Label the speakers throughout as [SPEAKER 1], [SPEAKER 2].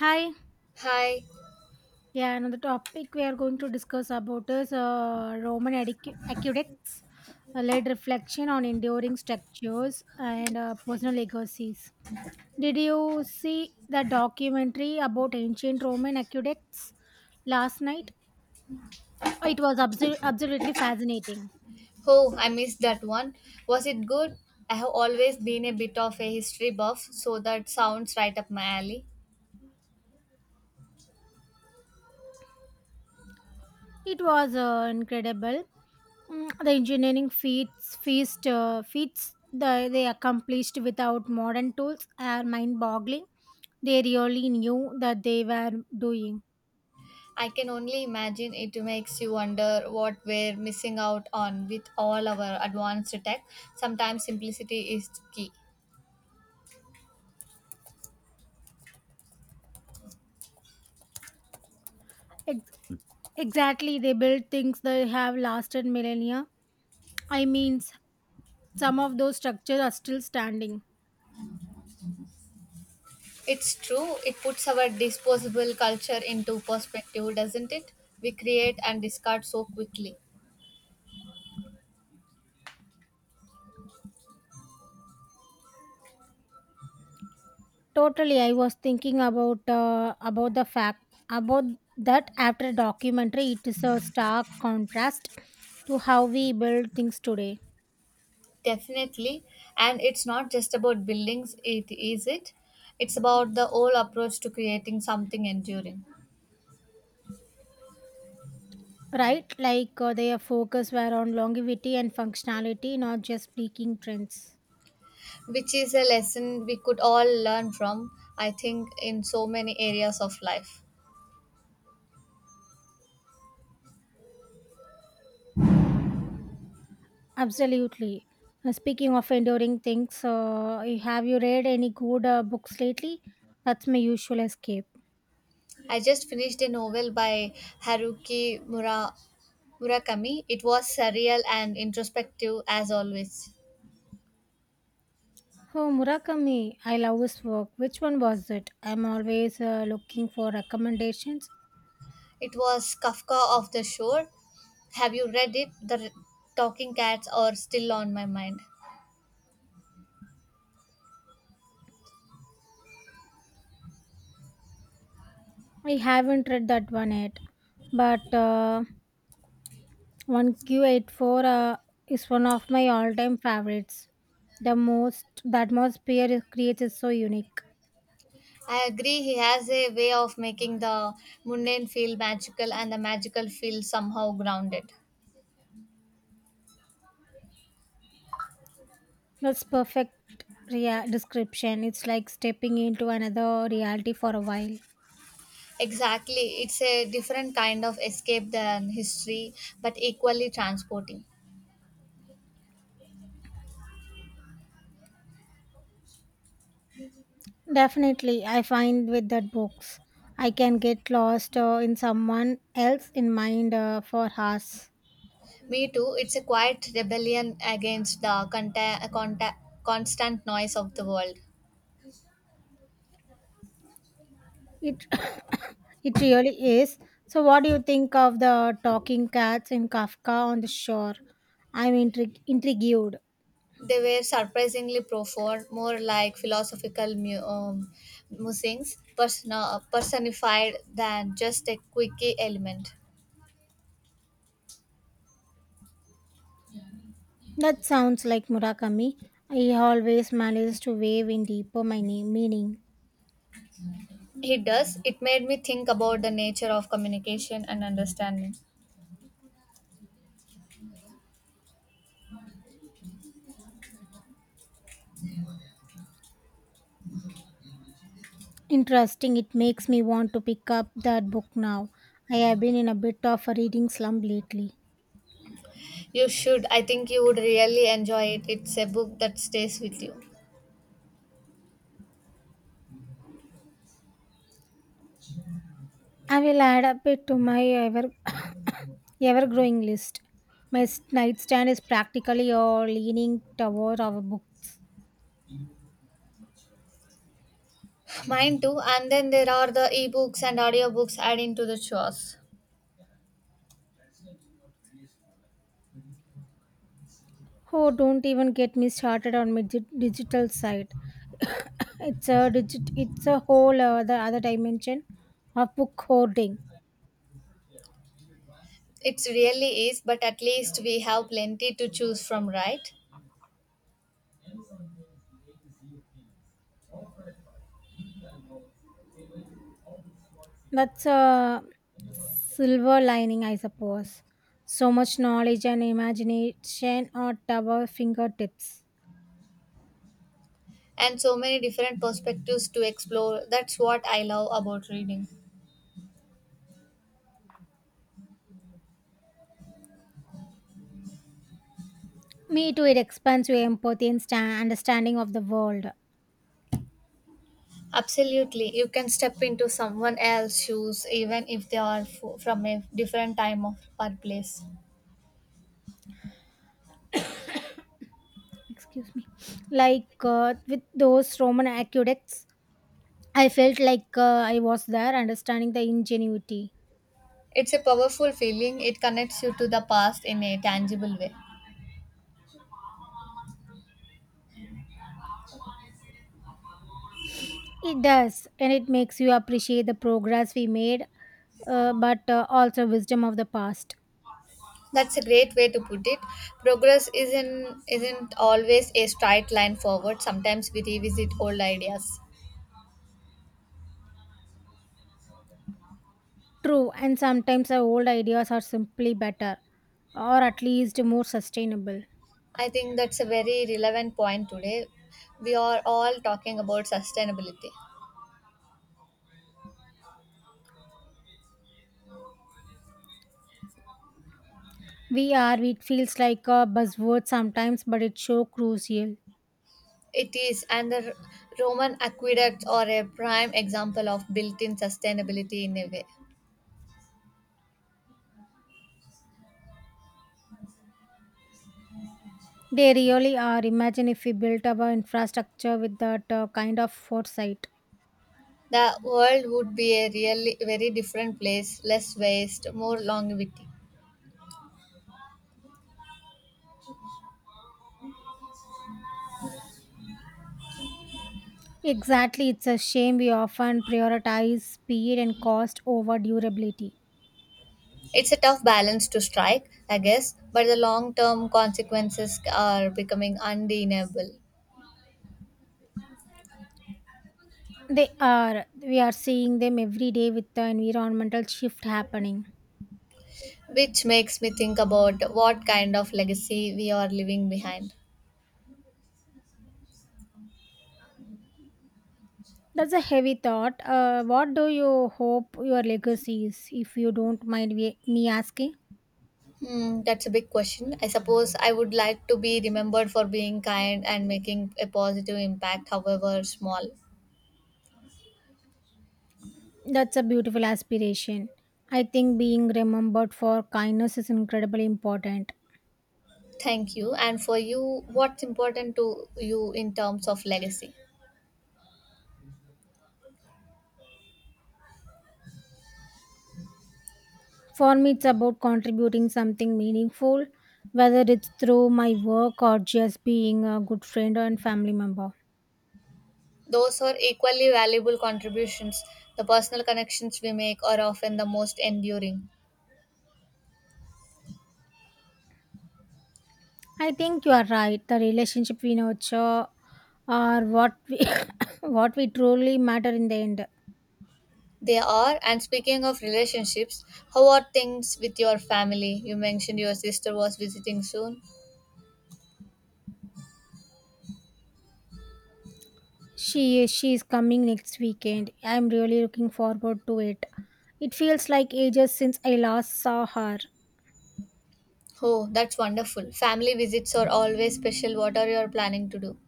[SPEAKER 1] Hi,
[SPEAKER 2] Hi.
[SPEAKER 1] yeah, another topic we are going to discuss about is Roman aqueducts, a led reflection on enduring structures and personal legacies. Did you see the documentary about ancient Roman aqueducts last night? It was absolutely fascinating.
[SPEAKER 2] Oh, I missed that one. Was it good? I have always been a bit of a history buff, so that sounds right up my alley.
[SPEAKER 1] It was incredible. The engineering feats they accomplished without modern tools are mind-boggling. They really knew that they were doing.
[SPEAKER 2] I can only imagine it makes you wonder what we're missing out on with all our advanced tech. Sometimes simplicity is key.
[SPEAKER 1] Ex- exactly, they built things that have lasted millennia. I mean, some of those structures are still standing.
[SPEAKER 2] It's true, it puts our disposable culture into perspective, doesn't it? We create and discard so quickly.
[SPEAKER 1] Totally, I was thinking about the fact about that after documentary, it is a stark contrast to how we build things today.
[SPEAKER 2] Definitely. And it's not just about buildings, it is it? It's about the whole approach to creating something enduring,
[SPEAKER 1] Right, like their focus were on longevity and functionality, not just peaking trends.
[SPEAKER 2] which is a lesson we could all learn from, I think, in so many areas of life.
[SPEAKER 1] Absolutely. Speaking of enduring things, have you read any good books lately? That's my usual escape.
[SPEAKER 2] I just finished a novel by Haruki Mura- Murakami. It was surreal and introspective as always.
[SPEAKER 1] Oh, Murakami, I love his work. Which one was it? I'm always looking for recommendations.
[SPEAKER 2] It was Kafka of the Shore. Have you read it? The Talking Cats are still on my mind.
[SPEAKER 1] I haven't read that one yet, but 1Q84 is one of my all time favorites. That most peer creates is so unique.
[SPEAKER 2] I agree. He has a way of making the mundane feel magical and the magical feel somehow grounded.
[SPEAKER 1] That's perfect description. It's like stepping into another reality for a while.
[SPEAKER 2] Exactly. It's a different kind of escape than history, but equally transporting.
[SPEAKER 1] Definitely, I find with that books, I can get lost in someone else in mind for hours.
[SPEAKER 2] Me too. It's a quiet rebellion against the constant noise of the world.
[SPEAKER 1] It it really is. So, what do you think of the talking cats in Kafka on the shore? I'm intrigued.
[SPEAKER 2] They were surprisingly profound, more like philosophical personified than just a quirky element.
[SPEAKER 1] That sounds like Murakami. He always manages to wave in deeper my meaning.
[SPEAKER 2] It does. It made me think about the nature of communication and understanding.
[SPEAKER 1] Interesting. It makes me want to pick up that book now. I have been in a bit of a reading slump lately.
[SPEAKER 2] You should. I think you would really enjoy it. It's a book that stays with you.
[SPEAKER 1] I will add up it to my ever ever growing list. My nightstand is practically all leaning toward our books.
[SPEAKER 2] Mine too. And then there are the ebooks and audiobooks adding to the chores.
[SPEAKER 1] Oh, don't even get me started on my digital side. it's a digit. It's a whole other dimension of book hoarding.
[SPEAKER 2] It really is, but at least we have plenty to choose from, right?
[SPEAKER 1] That's a silver lining, I suppose. So much knowledge and imagination at our fingertips.
[SPEAKER 2] And so many different perspectives to explore. That's what I love about reading.
[SPEAKER 1] Me too, it expands your empathy and understanding of the world.
[SPEAKER 2] Absolutely. You can step into someone else's shoes even if they are from a different time of or place.
[SPEAKER 1] Excuse me. Like with those Roman aqueducts, I felt like I was there understanding the ingenuity.
[SPEAKER 2] It's a powerful feeling. It connects you to the past in a tangible way.
[SPEAKER 1] It does, and it makes you appreciate the progress we made, but also wisdom of the past.
[SPEAKER 2] That's a great way to put it. Progress isn't always a straight line forward. Sometimes we revisit old ideas.
[SPEAKER 1] True, and sometimes our old ideas are simply better or at least more sustainable.
[SPEAKER 2] I think that's a very relevant point today. We are all talking about sustainability.
[SPEAKER 1] VR, it feels like a buzzword sometimes, but it's so crucial.
[SPEAKER 2] It is, and the Roman aqueducts are a prime example of built in sustainability in a way.
[SPEAKER 1] They really are. Imagine if we built our infrastructure with that kind of foresight.
[SPEAKER 2] The world would be a really very different place, less waste, more longevity.
[SPEAKER 1] Exactly, it's a shame we often prioritize speed and cost over durability.
[SPEAKER 2] It's a tough balance to strike, I guess, but the long term consequences are becoming undeniable,
[SPEAKER 1] They are. We are seeing them every day with the environmental shift happening.
[SPEAKER 2] which makes me think about what kind of legacy we are leaving behind.
[SPEAKER 1] That's a heavy thought. What do you hope your legacy is, if you don't mind me asking?
[SPEAKER 2] Hmm, that's a big question. I suppose I would like to be remembered for being kind and making a positive impact, however small.
[SPEAKER 1] That's a beautiful aspiration. I think being remembered for kindness is incredibly important.
[SPEAKER 2] Thank you. And for you, what's important to you in terms of legacy?
[SPEAKER 1] For me, it's about contributing something meaningful, whether it's through my work or just being a good friend and family member.
[SPEAKER 2] Those are equally valuable contributions. The personal connections we make are often the most enduring.
[SPEAKER 1] I think you are right. The relationship we nurture are what we what we truly matter in the end.
[SPEAKER 2] They are. And speaking of relationships, how are things with your family? You mentioned your sister was visiting soon.
[SPEAKER 1] She is coming next weekend. I'm really looking forward to it. It feels like ages since I last saw her.
[SPEAKER 2] Oh, that's wonderful. Family visits are always special. What are you planning to do?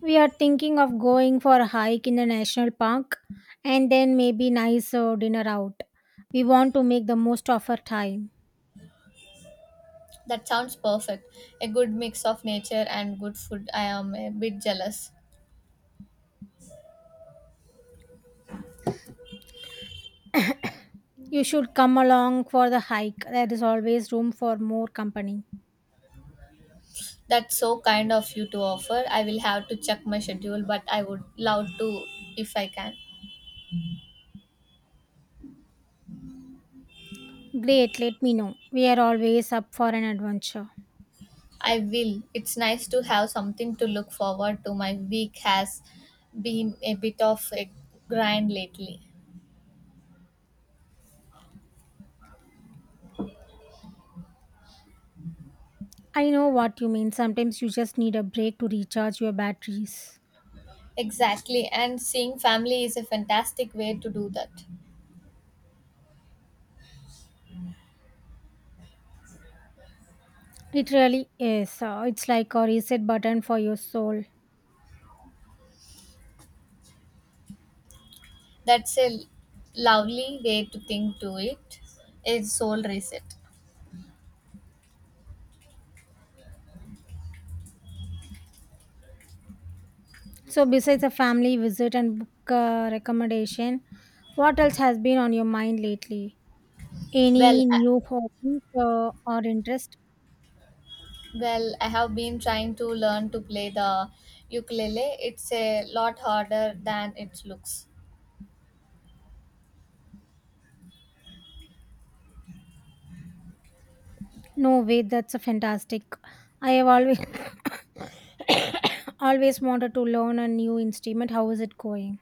[SPEAKER 1] We are thinking of going for a hike in a national park and then maybe nice dinner out. We want to make the most of our time.
[SPEAKER 2] That sounds perfect. A good mix of nature and good food. I am a bit jealous.
[SPEAKER 1] You should come along for the hike. There is always room for more company.
[SPEAKER 2] That's so kind of you to offer. I will have to check my schedule, but I would love to if I can.
[SPEAKER 1] Great, let me know. We are always up for an adventure.
[SPEAKER 2] I will. It's nice to have something to look forward to. My week has been a bit of a grind lately.
[SPEAKER 1] I know what you mean. Sometimes you just need a break to recharge your batteries.
[SPEAKER 2] Exactly, and seeing family is a fantastic way to do that.
[SPEAKER 1] It really is. It's like a reset button for your soul.
[SPEAKER 2] That's a lovely way to think to it. A soul reset.
[SPEAKER 1] So, besides a family visit and book recommendation, what else has been on your mind lately?
[SPEAKER 2] Well,
[SPEAKER 1] Any
[SPEAKER 2] I,
[SPEAKER 1] new hobbies or interest?
[SPEAKER 2] well, I have been trying to learn to play the ukulele. It's a lot harder than it looks.
[SPEAKER 1] No way, that's a fantastic. I have always always wanted to learn a new instrument. How is it going?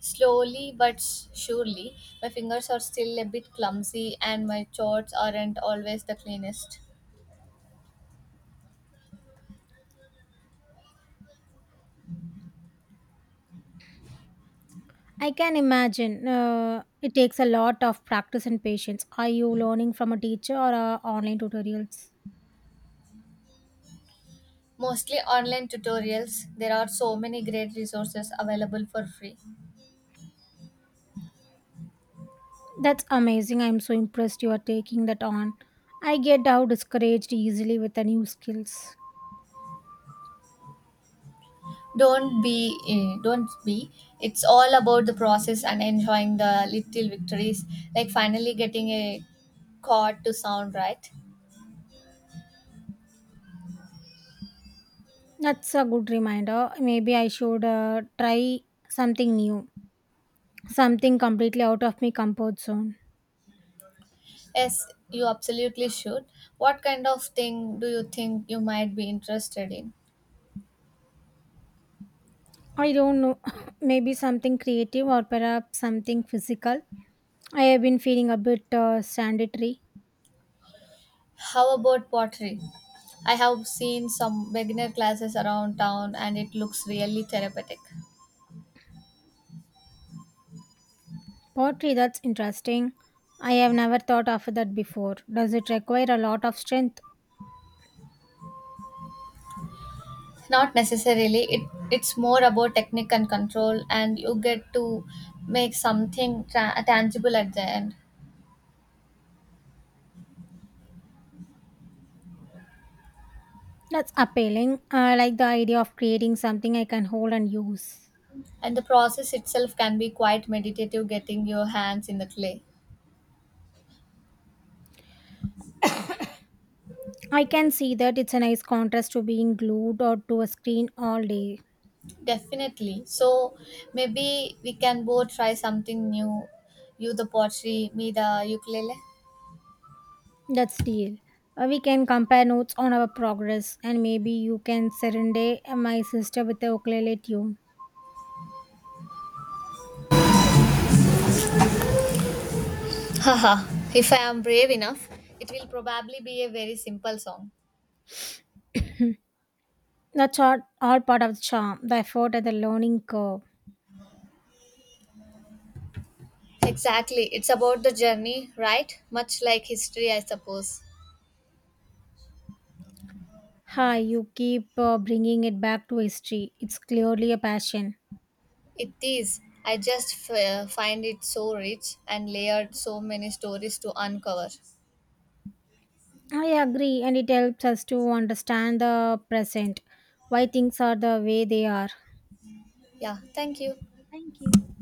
[SPEAKER 2] Slowly but surely, my fingers are still a bit clumsy and my charts aren't always the cleanest.
[SPEAKER 1] I can imagine. It takes a lot of practice and patience. Are you learning from a teacher or online tutorials?
[SPEAKER 2] Mostly online tutorials. There are so many great resources available for free.
[SPEAKER 1] That's amazing. I'm so impressed you are taking that on. I get how discouraged easily with the new skills.
[SPEAKER 2] Don't be. It's all about the process and enjoying the little victories, like finally getting a chord to sound right.
[SPEAKER 1] That's a good reminder. Maybe I should try something new, something completely out of my comfort zone.
[SPEAKER 2] Yes, you absolutely should. What kind of thing do you think you might be interested in?
[SPEAKER 1] I don't know, maybe something creative or perhaps something physical. I have been feeling a bit sanitary.
[SPEAKER 2] How about pottery? I have seen some beginner classes around town and it looks really therapeutic.
[SPEAKER 1] Pottery, that's interesting. I have never thought of that before. Does it require a lot of strength?
[SPEAKER 2] Not necessarily, it's more about technique and control, and you get to make something tangible at the end.
[SPEAKER 1] That's appealing. I like the idea of creating something I can hold and use.
[SPEAKER 2] And the process itself can be quite meditative, getting your hands in the clay.
[SPEAKER 1] I can see that it's a nice contrast to being glued or to a screen all day.
[SPEAKER 2] Definitely. So maybe we can both try something new. You the pottery, me the ukulele.
[SPEAKER 1] That's deal. We can compare notes on our progress, and maybe you can serenade my sister with a ukulele tune.
[SPEAKER 2] Haha, if I am brave enough, it will probably be a very simple song.
[SPEAKER 1] That's all part of the charm, the effort and the learning curve.
[SPEAKER 2] Exactly, it's about the journey, right? Much like history, I suppose.
[SPEAKER 1] Hi, you keep bringing it back to history. It's clearly a passion.
[SPEAKER 2] It is. I just find it so rich and layered, so many stories to uncover.
[SPEAKER 1] I agree, and it helps us to understand the present, why things are the way they are.
[SPEAKER 2] Yeah, thank you.
[SPEAKER 1] Thank you.